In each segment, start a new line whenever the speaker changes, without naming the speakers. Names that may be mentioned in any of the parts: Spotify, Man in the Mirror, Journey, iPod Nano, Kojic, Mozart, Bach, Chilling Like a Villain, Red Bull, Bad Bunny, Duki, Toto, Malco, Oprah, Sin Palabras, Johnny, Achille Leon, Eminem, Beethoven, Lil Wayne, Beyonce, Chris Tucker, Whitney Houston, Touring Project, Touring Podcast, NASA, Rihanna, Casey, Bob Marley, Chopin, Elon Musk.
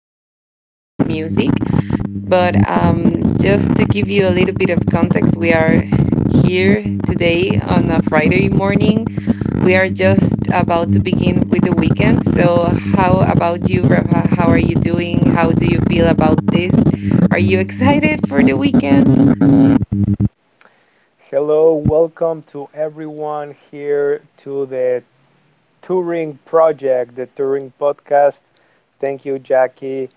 and mostly music. But just to give you a little bit of context, we are here today on a Friday morning. We are just about to begin with the weekend. So, how about you, Rafa? How are you doing? How do you feel about this? Are you excited for the weekend?
Hello, welcome to everyone here to the Touring Project, the Touring Podcast. Thank you, Jackie.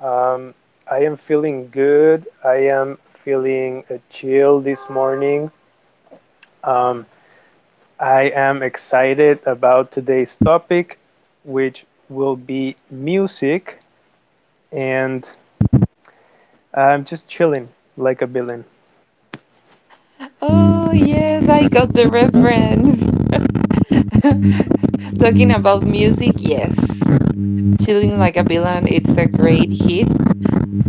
Um, I am feeling good. I am feeling chill this morning. Um, I am excited about today's topic, which will be music, and I'm just chilling like a villain.
Oh, yes, I got the reference. Talking about music, yes. Chilling Like a Villain, it's a great hit.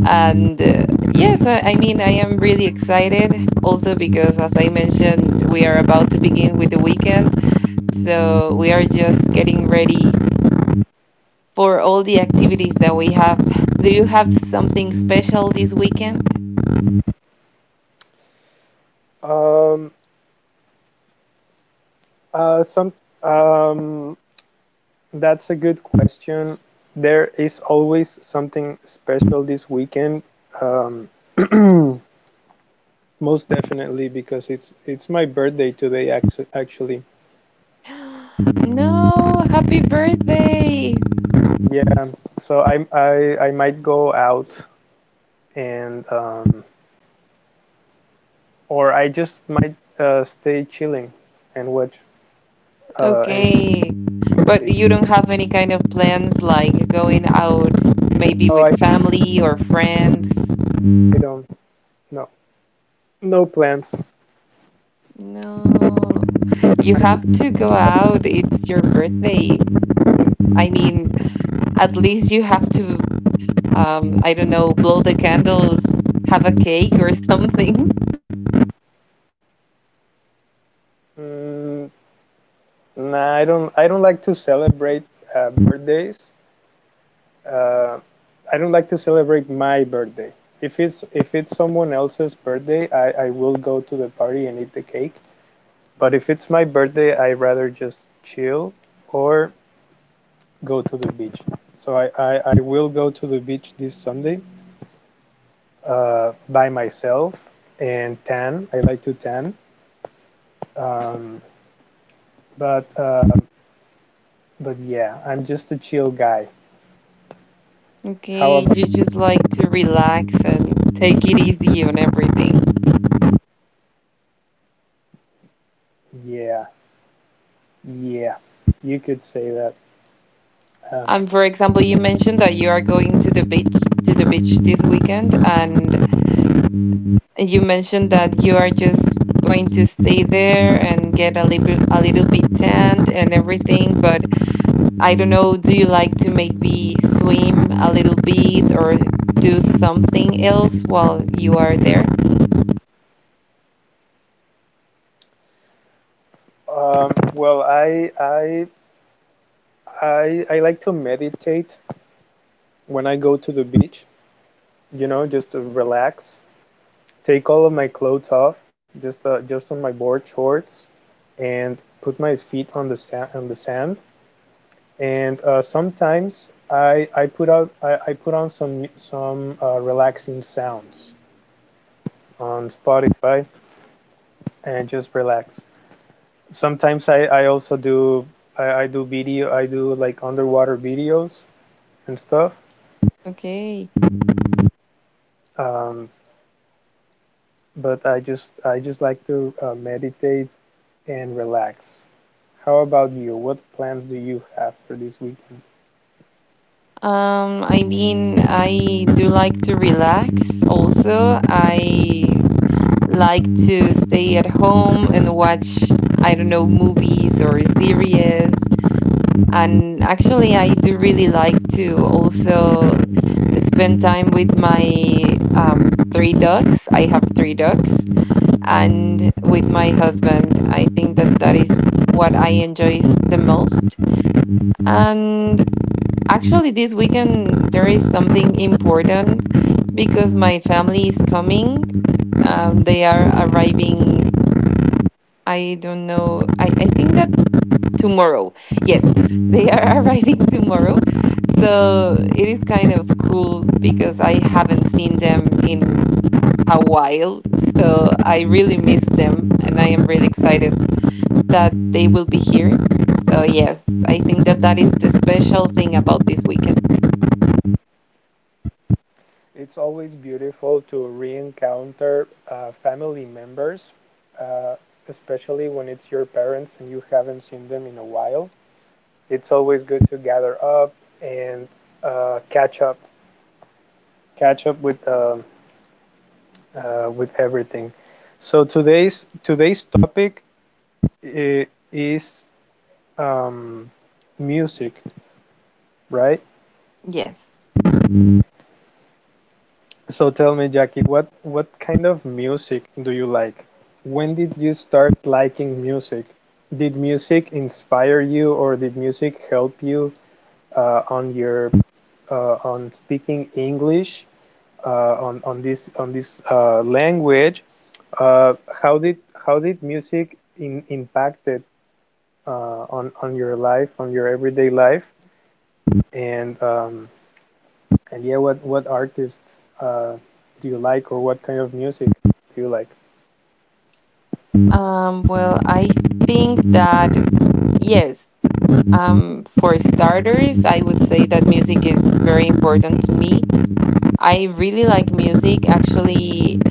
And yes, I mean, I am really excited also because, as I mentioned, we are about to begin with the weekend. So we are just getting ready for all the activities that we have. Do you have something special this weekend?
Um, some um, That's a good question. There is always something special this weekend. Um, Most definitely because it's my birthday today actually.
No, happy birthday.
Yeah, so I might go out and or I just might stay chilling and watch and
Okay. But
music.
you don't have any kind of plans like going out maybe
Oh, I,
with
I
family or friends?
don't, no, no plans.
No.
I,
You have to go out. It's your birthday. Mm, I mean, at least you have to I don't know, blow the candles, have a cake or something.
mm, nah, I don't like to celebrate birthdays. uh, I don't like to celebrate my birthday. If it's someone else's birthday, I will go to the party and eat the cake. But if it's my birthday, I rather just chill or go to the beach. So I will go to the beach this Sunday by myself and tan. I like to tan. Um, but uh, but yeah, I'm just a chill guy. How
Okay, you
about
just like to relax and take it easy on everything.
yeah yeah? You could say that. Um,
And for example, you mentioned that you are going to the beach this weekend, and you mentioned that you are just going to stay there and get a little bit tanned and everything. But I don't know, do you like to maybe swim a little bit or do something else while you are there?
Um, well, I, I I like to meditate when I go to the beach. You know, just to relax, take all of my clothes off, just on my board shorts, and put my feet on the sand on the sand. And Sometimes I put on some relaxing sounds on Spotify and just relax. Sometimes I also do video I do like underwater videos and stuff
Okay.
um, but I just like to meditate and relax. How about you? What plans do you have for this weekend?
I mean, I do like to relax also. I like to stay at home and watch, I don't know, movies or series. And actually, I do really like to also spend time with my three dogs. I have three dogs and with my husband. I think that that is what I enjoy the most. And actually, this weekend, there is something important because my family is coming. They are arriving I don't know. I think that tomorrow. Yes, they are arriving tomorrow. So it is kind of cool because I haven't seen them in a while. So I really miss them and I am really excited that they will be here. So, yes, I think that that is the special thing about this weekend.
It's always beautiful to re-encounter family members, uh, especially when it's your parents and you haven't seen them in a while. It's always good to gather up and uh, catch up, catch up with everything. So today's topic uh, is um, music, right?
Yes.
So tell me, Jackie, what kind of music do you like? When did you start liking music? Did music inspire you, or did music help you uh, on your on speaking English on this language? Uh, how did music impacted on your life, on your everyday life, and yeah, what artists do you like, or what kind of music do you like?
I think that yes. For starters, I would say that music is very important to me. I really like music. Actually,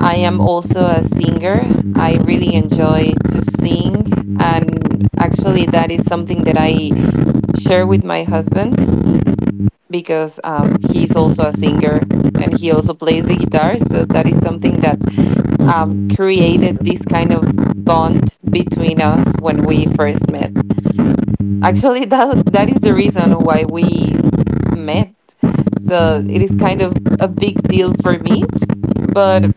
I am also a singer. I really enjoy to sing. And actually, that is something that I share with my husband because he's also a singer and he also plays the guitar. So that is something that created this kind of bond between us when we first met. Actually, that is the reason why we met. So it is kind of a big deal
You
for me. But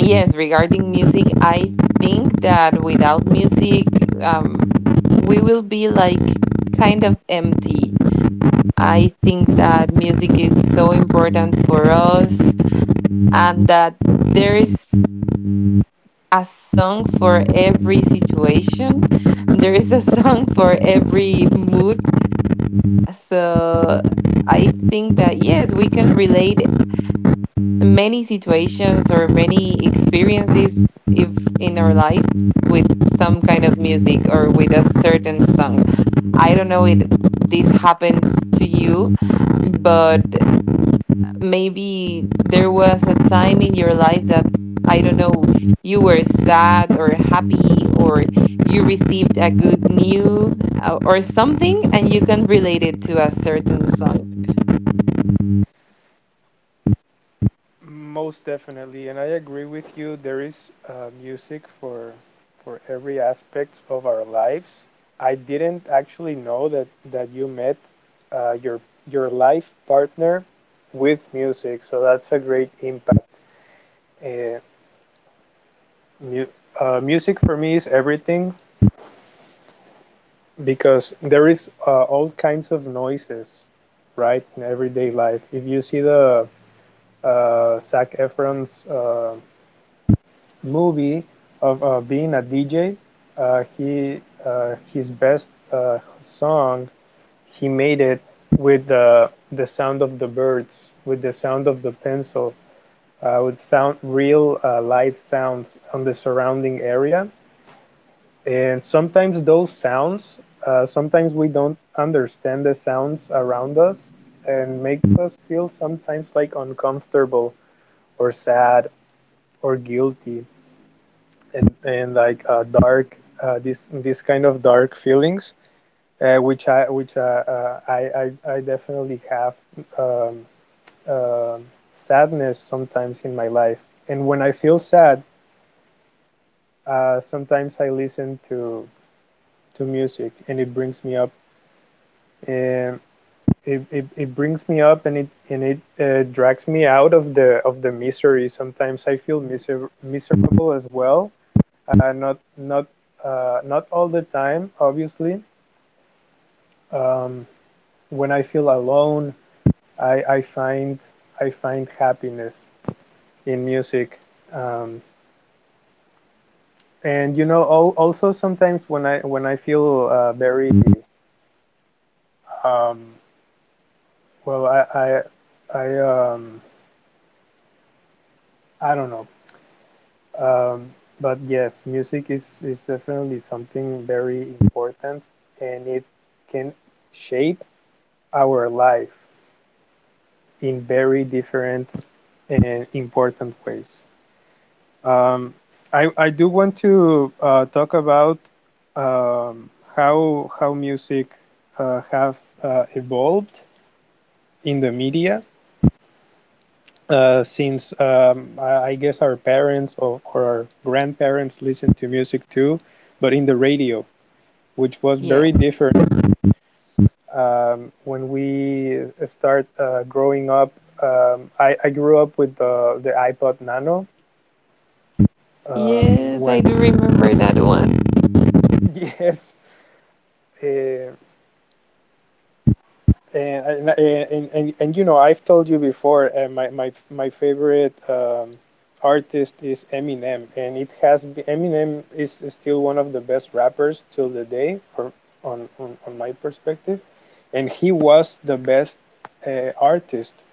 yes, regarding music, I think that without music, we will be like kind of empty. I think that music is so important for us and that there is a song for every situation. There is a song for every mood. So I think that yes, we can relate many situations or many experiences if in our life with some kind of music or with a certain song. I don't know if this happened to you, but maybe there was a time in your life that I don't know, you were sad or happy or you received a good news or something and you can relate it to a certain song.
Most definitely, and I agree with you. There is music for every aspect of our lives. I didn't actually know that that you met uh, your your life partner with music, so that's a great impact. Uh, mu- Music for me is everything, because there is all kinds of noises, right, in everyday life. If you see the Zac Efron's movie of being a DJ, he his best song, he made it with the sound of the birds, with the sound of the pencil, with sound real live sounds on the surrounding area. And sometimes those sounds, sometimes we don't understand the sounds around us and make us feel sometimes like uncomfortable or sad or guilty and like dark, this kind of dark feelings, uh, which I, which uh, uh, I, I definitely have um, uh, sadness sometimes in my life. And when I feel sad, sometimes I listen to music and it brings me up. And it brings me up, and it drags me out of the misery. Sometimes I feel miserable as well. Uh, not not Not all the time, obviously. Um, when I feel alone, I, I find I find happiness in music. Um, and you know, al- Also, sometimes when I feel very um, well, I I I, um, I don't know Um, but yes, music is definitely something very important, and it can shape our life in very different and important ways. Um, I do want to talk about um, how music have evolved in the media since I guess our parents or our grandparents listened to music too, but in the radio, which was very
Yeah.
different when we start growing up. I grew up with the iPod Nano.
Yes,
When
I do remember that one.
yes, uh, And, and and you know, I've told you before, my favorite artist is Eminem, and it has Eminem is still one of the best rappers till the day, for on my perspective, and he was the best artist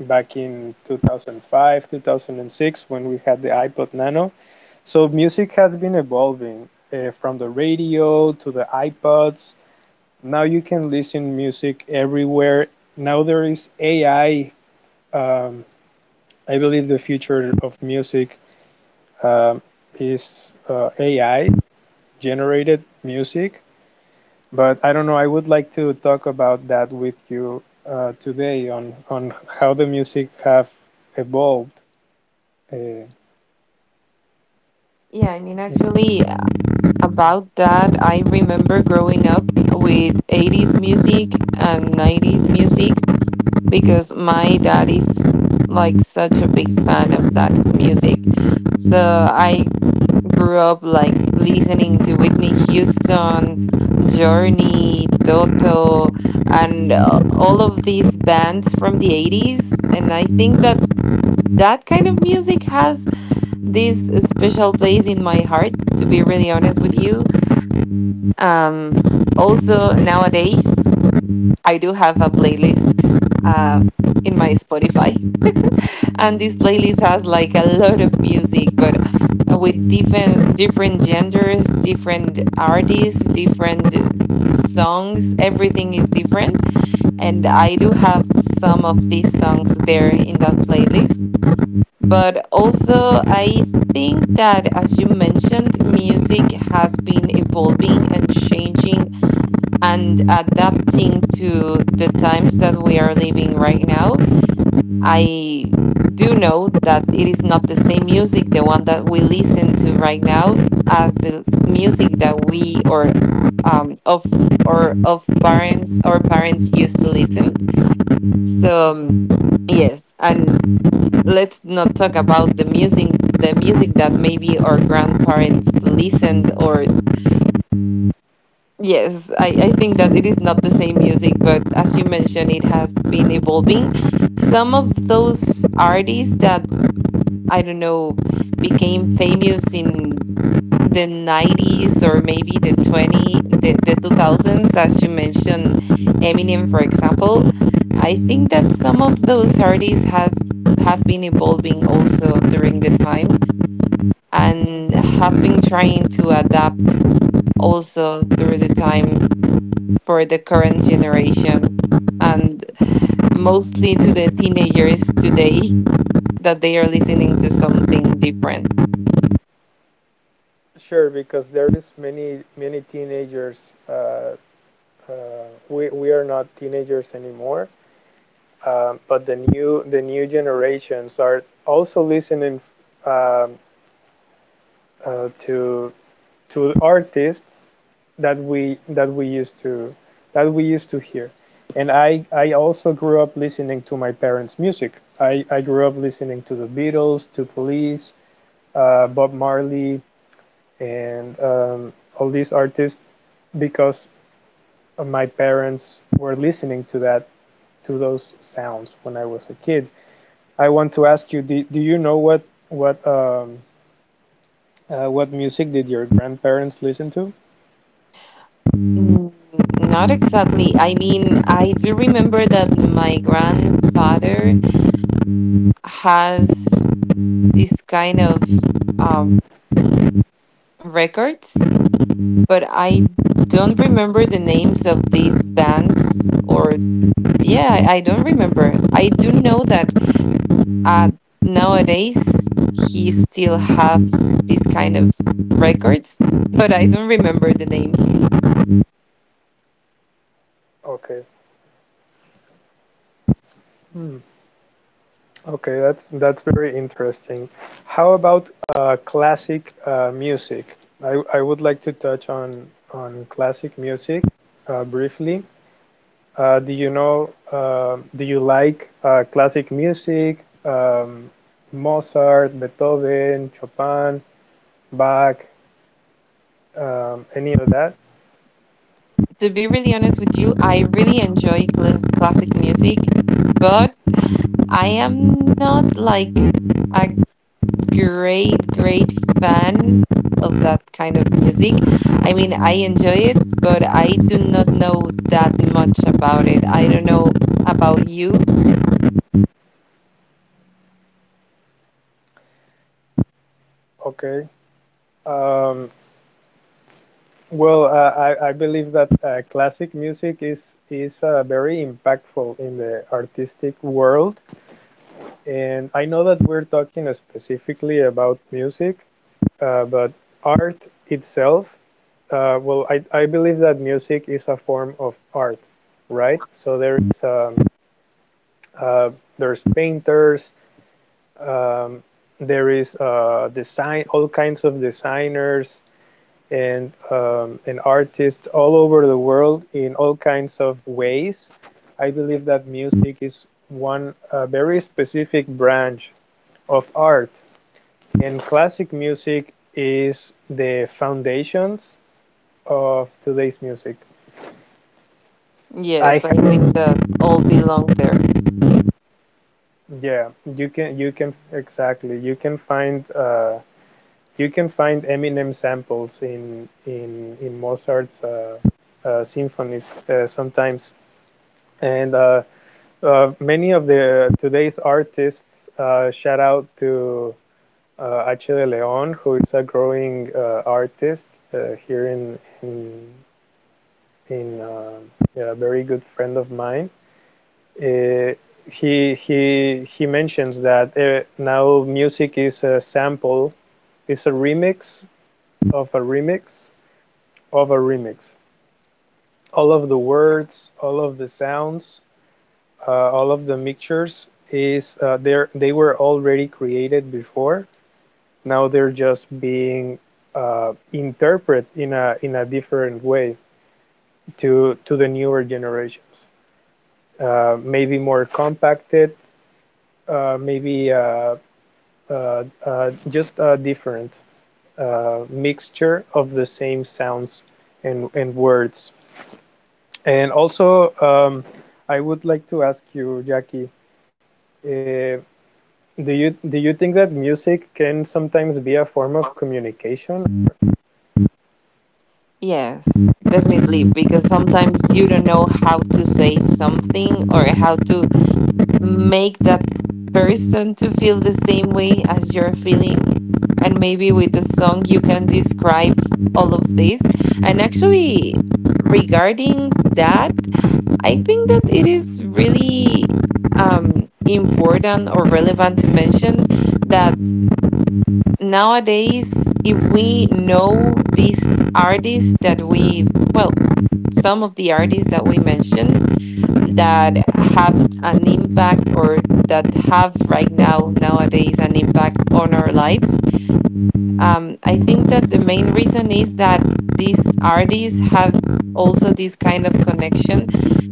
back in 2005, 2006, when we had the iPod Nano. So music has been evolving from the radio to the iPods. Now you can listen music everywhere. Now there is AI. Um, I believe the future of music um is AI generated music. But I don't know. I would like to talk about that with you today on how the music have evolved. Uh,
Yeah, I mean, actually, about that, I remember growing up with 80s music and 90s music because my dad is like such a big fan of that music. So I grew up like listening to Whitney Houston, Journey, Toto, and all of these bands from the 80s. And I think that that kind of music has this special place in my heart to be really honest with you. um Also nowadays, I do have a playlist uh, in my Spotify. And this playlist has like a lot of music but with different genders, different artists, different songs, everything is different. And I do have some of these songs there in that playlist, but also, I think that, as you mentioned, music has been evolving and changing and adapting to the times that we are living right now. I do know that it is not the same music, the one that we listen to right now, as the music that we um, of or of parents used to listen. So,
Mhm,
yes, and let's not talk about the music that maybe our grandparents listened or yes I think that it is not the same music but as you mentioned it has been evolving. Some of those artists that I don't know became famous in the 90s or maybe the 2000s as you mentioned, Eminem for example. I think that some of those artists has have been evolving also during the time and
mhm,
have been trying to adapt also through the time for the current generation and mostly to
mhm.
the teenagers today that they are listening to something different.
Sure, because there is many many teenagers. We are not teenagers anymore, but the new generations are also listening uh, uh, to to artists that we used to, that we used to hear. And I also grew up listening to my parents music. I grew up listening to the beatles, to police, bob marley, and all these artists, because my parents were listening to that, to those sounds when I was a kid. I want to ask you, do you know what what um, what music did your grandparents listen to?
Mm, not exactly. I mean, I do remember that my grandfather has this kind of um, records, but I don't remember the names of these bands or yeah, I don't remember. I do know that uh, nowadays he still has these kind of records, but I don't remember the names.
Okay. Hmm. Okay, that's very interesting. How about classic music? I would like to touch on classic music briefly. Do you know? Do you like classic music? Um, Mozart, Beethoven, Chopin, Bach, any of that?
To be really honest with you, I really enjoy clas- classic music, but I am not like a great, great fan of that kind of music. I mean, I enjoy it, but I do not know that much about it. I don't know about you.
Okay. Um, well, I believe that classic music is very impactful in the artistic world, and I know that we're talking specifically about music, but art itself, I believe that music is a form of art, right? So there is uh, there's painters, um, there is design, all kinds of designers, and artists all over the world in all kinds of ways. I believe that music is one very specific branch of art, and classic music is the foundations of today's music. I
Yes, I think
have,
that all belong there.
yeah, you can exactly, you can find Eminem samples in in Mozart's symphonies sometimes, and many of the today's artists, shout out to Achille Leon, who is a growing artist here in yeah, a very good friend of mine. Uh, he mentions that now music is a sample, is a remix of a remix of a remix. All of the words, all of the sounds, all of the mixtures they were already created before. Now they're just being interpreted in a different way to the newer generations. Maybe more compacted, maybe just a different mixture of the same sounds and words. And also, I would like to ask you, Jackie, uh, Do you think that music can sometimes be a form of communication?
Yes, definitely, because sometimes you don't know how to say something or how to make that person to feel the same way as you're feeling. And maybe with the song you can describe all of this. And actually, regarding that, I think that it is really important or relevant to mention that nowadays if we know these artists that we well some of the artists that we mentioned that have an impact or that have right now nowadays an impact on our lives, I think that the main reason is that these artists have also this kind of connection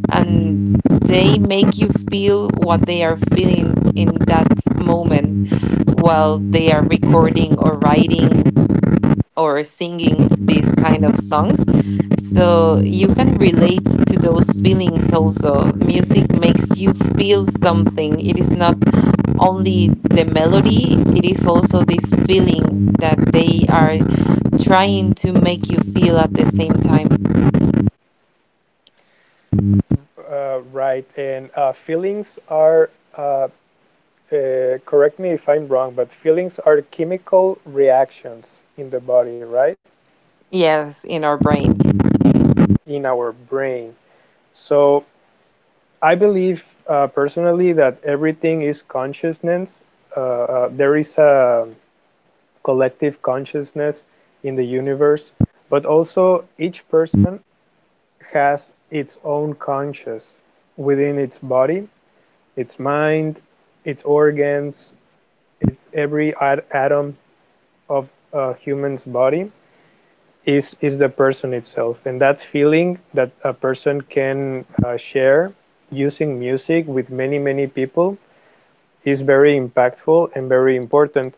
and they make you feel what they are feeling in that moment while they are recording or writing or singing these kind of songs. So you can relate to those feelings also. Music makes you feel something. It is not only the melody, it is also this feeling that they are trying to make you feel at the same time.
Right, and feelings are. Uh, Correct me if I'm wrong, but feelings are chemical reactions in the body, right?
Yes, in our brain.
In our brain. So I believe personally that everything is consciousness. There is a collective consciousness in the universe, but also each person has its own conscious within its body, its mind, its organs, its every atom of a human's body is the person itself, and that feeling that a person can share using music with many many people is very impactful and very important.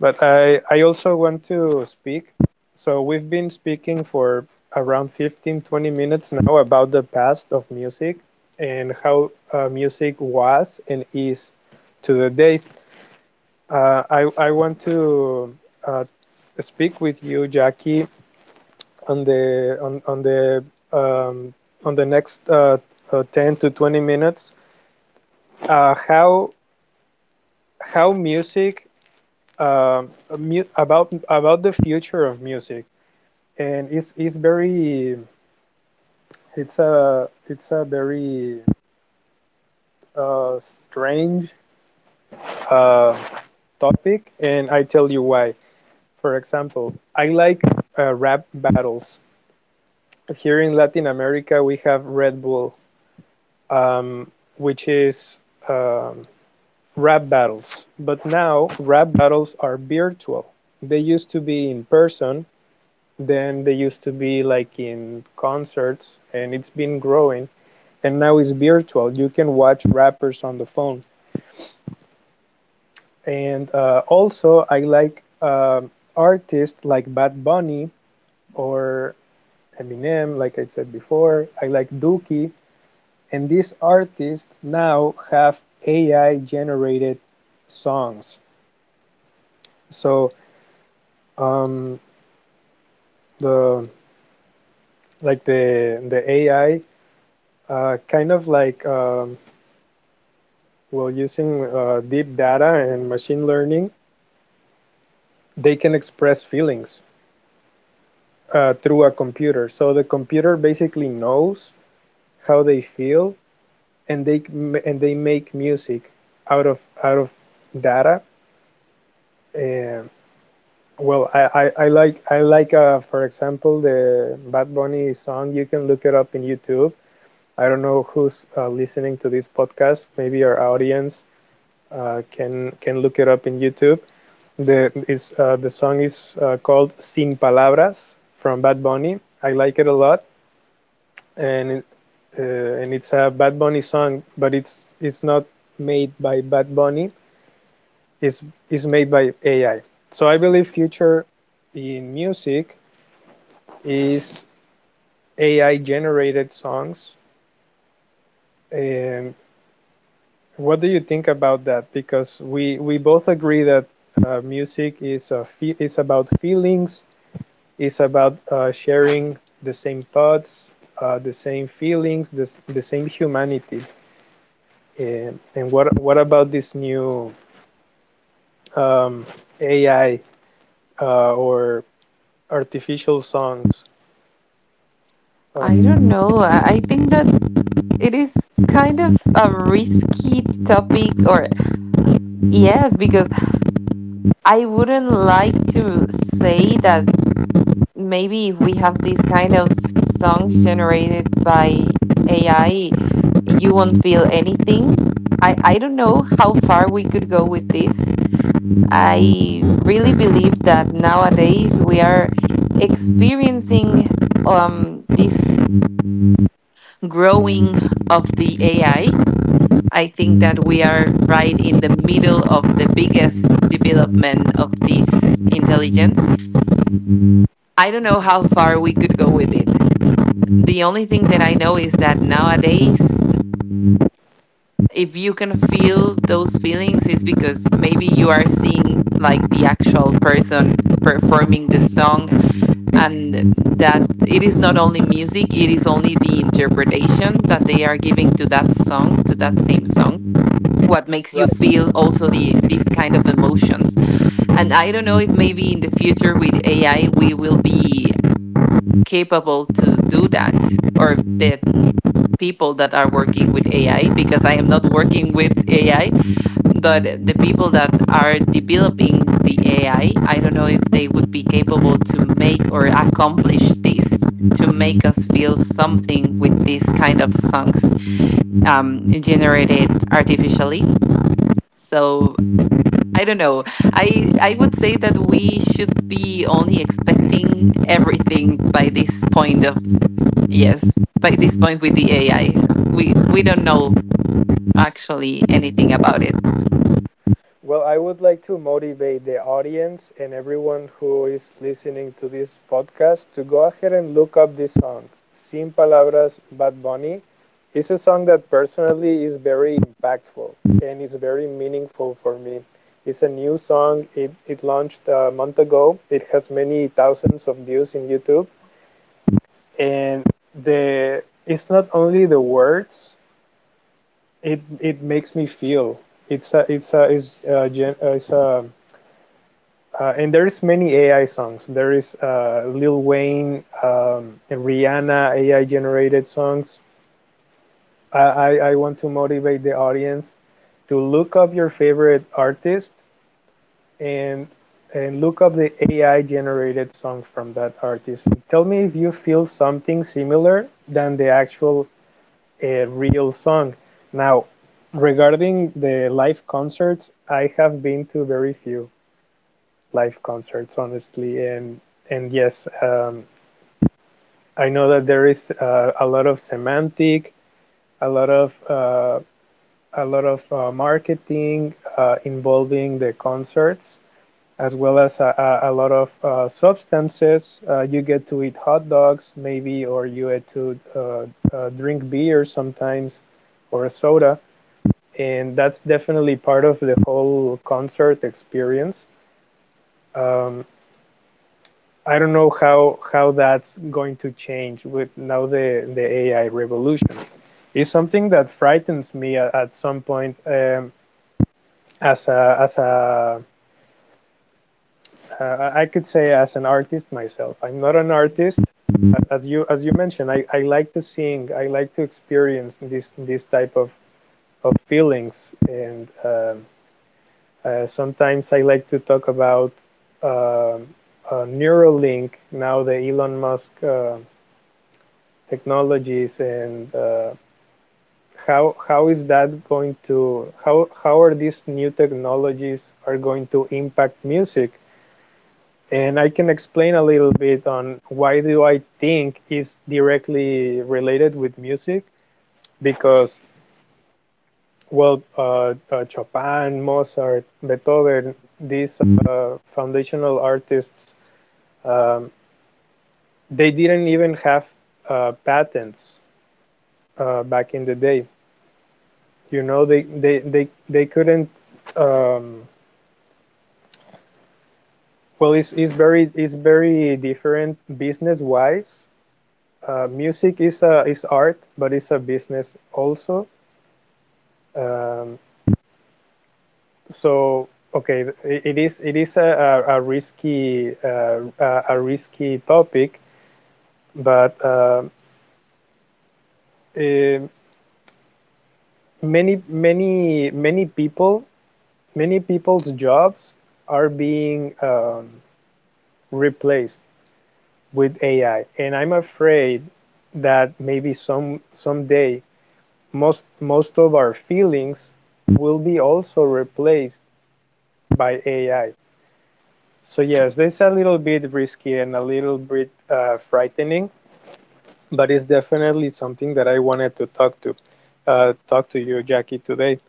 But I also want to speak. So we've been speaking for around 15, 20 minutes now about the past of music and how music was and is to the day. I want to uh, speak with you, Jackie, on the on, on the um, on the next 10 to 20 minutes. Uh, how how music um, about the future of music, and it's very, it's a very strange uh, topic, and I tell you why. For example, I like rap battles. Here in Latin America, we have Red Bull, um, which is um, rap battles. But now rap battles are virtual. They used to be in person, then they used to be like in concerts, and it's been growing and now it's virtual. You can watch rappers on the phone. And Also, I like artists like Bad Bunny or Eminem, like I said before. I like Duki, and these artists now have AI generated songs. So um, the like the the AI, uh, kind of like um, well, using deep data and machine learning, they can express feelings through a computer. So the computer basically knows how they feel, and they make music out of data. Uh, well, I like For example, the Bad Bunny song. You can look it up in YouTube. I don't know who's listening to this podcast. Maybe our audience can look it up in YouTube. The song is called "Sin Palabras" from Bad Bunny. I like it a lot, and and it's a Bad Bunny song, but it's not made by Bad Bunny. It's it's made by AI. So I believe future in music is AI generated songs. And what do you think about that? Because we both agree that music is about feelings. It's about sharing the same thoughts, the same feelings, the same humanity. And what about this new um, AI, or artificial songs.
I
Uh,
don't know. I think that it is kind of a risky topic, or yes, because I wouldn't like to say that maybe if we have these kind of songs generated by AI, you won't feel anything. I don't know how far we could go with this. I really believe that nowadays we are experiencing this growing of the AI. I think that we are right in the middle of the biggest development of this intelligence. I don't know how
mhm.
far we could go with it. The only thing that I know is that nowadays, if you can feel those feelings, is because maybe you are seeing like the actual person performing the song, and that it is not only music, it is only the interpretation that they are giving to that song, to that same song. What makes you
Right.
feel also the these kind of emotions. And I don't know if maybe in the future with AI we will be capable to do that or the people that are working with AI because I am not working with AI, but the people that are developing the AI, I don't know if they would be capable to make or accomplish this to make us feel something with this kind of songs generated artificially. So I don't know. I would say that we should be only expecting everything by this point of yes, by this point with the AI. We don't know actually anything about it.
Well, I would like to motivate the audience and everyone who is listening to this podcast to go ahead and look up this song, Sin Palabras, Bad Bunny. It's a song that personally is very impactful and is very meaningful for me. It's a new song. It launched a month ago. It has many thousands of views in YouTube. And the it's not only the words, it makes me feel it's a it's a it's a, it's a and there's many AI songs. There is Lil Wayne, and Rihanna AI generated songs. I want to motivate the audience to look up your favorite artist and look up the AI generated song from that artist. And tell me if you feel something similar than the actual a real song. Now, regarding the live concerts, I have been to very few live concerts, honestly, and yes, I know that there is a lot of semantic, a lot of uh, a lot of marketing involving the concerts, as well as a lot of substances. You get to eat hot dogs, maybe, or you get to drink beer sometimes, or soda, and that's definitely part of the whole concert experience. Um, I don't know how that's going to change with now the AI revolution. It's something that frightens me at some point. As a I could say, as an artist myself. I'm not an artist, as you mentioned. I like to sing. I like to experience this type of feelings. And. Sometimes I like to talk about uh, Neuralink, now the Elon Musk technologies, and how is that going to how are these new technologies are going to impact music? And I can explain a little bit on why do I think is directly related with music because Chopin, Mozart, Beethoven, these foundational artists. Um, they didn't even have patents back in the day. You know, they couldn't. Um, it's very different business wise. Music is a is art, but it's a business also. Um, so okay, it is a risky risky topic, but eh, many people, many people's jobs are being replaced with AI, and I'm afraid that maybe someday most of our feelings will be also replaced by AI. So yes, this is a little bit risky and a little bit frightening, but it's definitely something that I wanted to talk to talk to you, Jackie, today.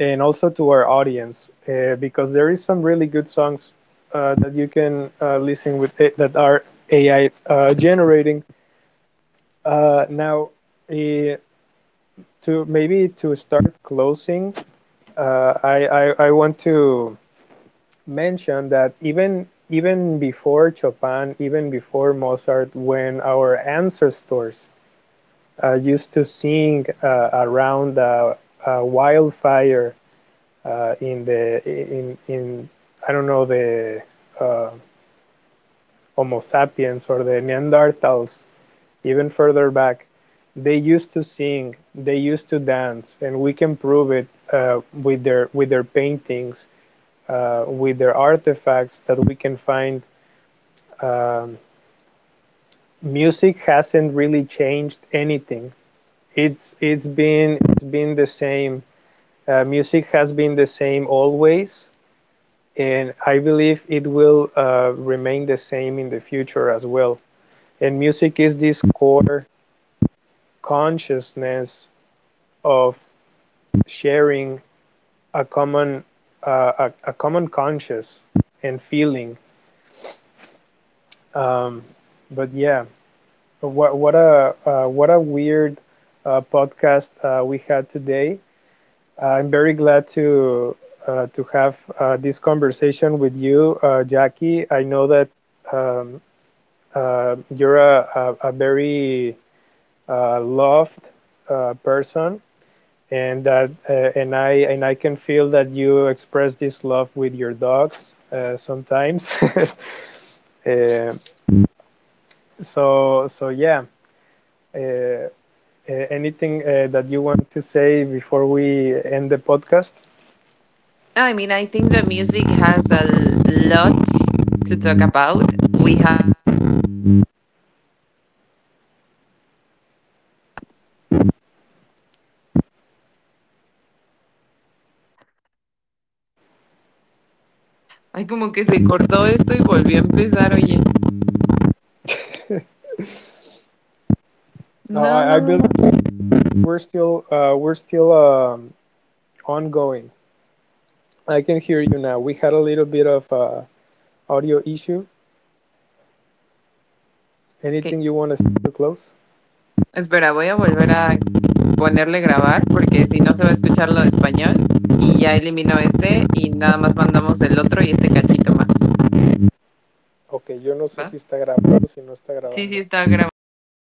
And also to our audience because there is some really good songs that you can listen with it, that are AI generating. Uh, now, uh, to maybe to start closing, I want to mention that even before Chopin, even before Mozart, when our ancestors used to sing around a wildfire in I don't know, the uh, Homo sapiens or the Neanderthals, even further back, they used to sing, they used to dance, and we can prove it with their paintings, with their artifacts that we can find. Um, Music hasn't really changed anything. It's been the same. Music has been the same always, and I believe it will remain the same in the future as well. And music is this core consciousness of sharing a common, a common conscious and feeling. Um, but yeah, what a weird podcast we had today. I'm very glad to have this conversation with you, Jackie. I know that um, you're a very loved person, and that and I can feel that you express this love with your dogs sometimes. uh, yeah. Uh, Anything that you want to say before we end the podcast?
No, I mean, I think that music has a l- lot to talk about. We
Ay, como que se cortó esto y volvió a empezar, oye.
No, I
No.
believe we're still ongoing. I can hear you now. We had a little bit of audio issue.
Ok,
Anything you want to say to close?
espera, voy a volver a ponerle grabar porque si no se va a escuchar lo de español y ya eliminó este y nada más mandamos el otro y este cachito más,
Ok, yo no sé si
¿va?
está grabando, si no está
Sí, sí,
grabando.
está grabando todavía.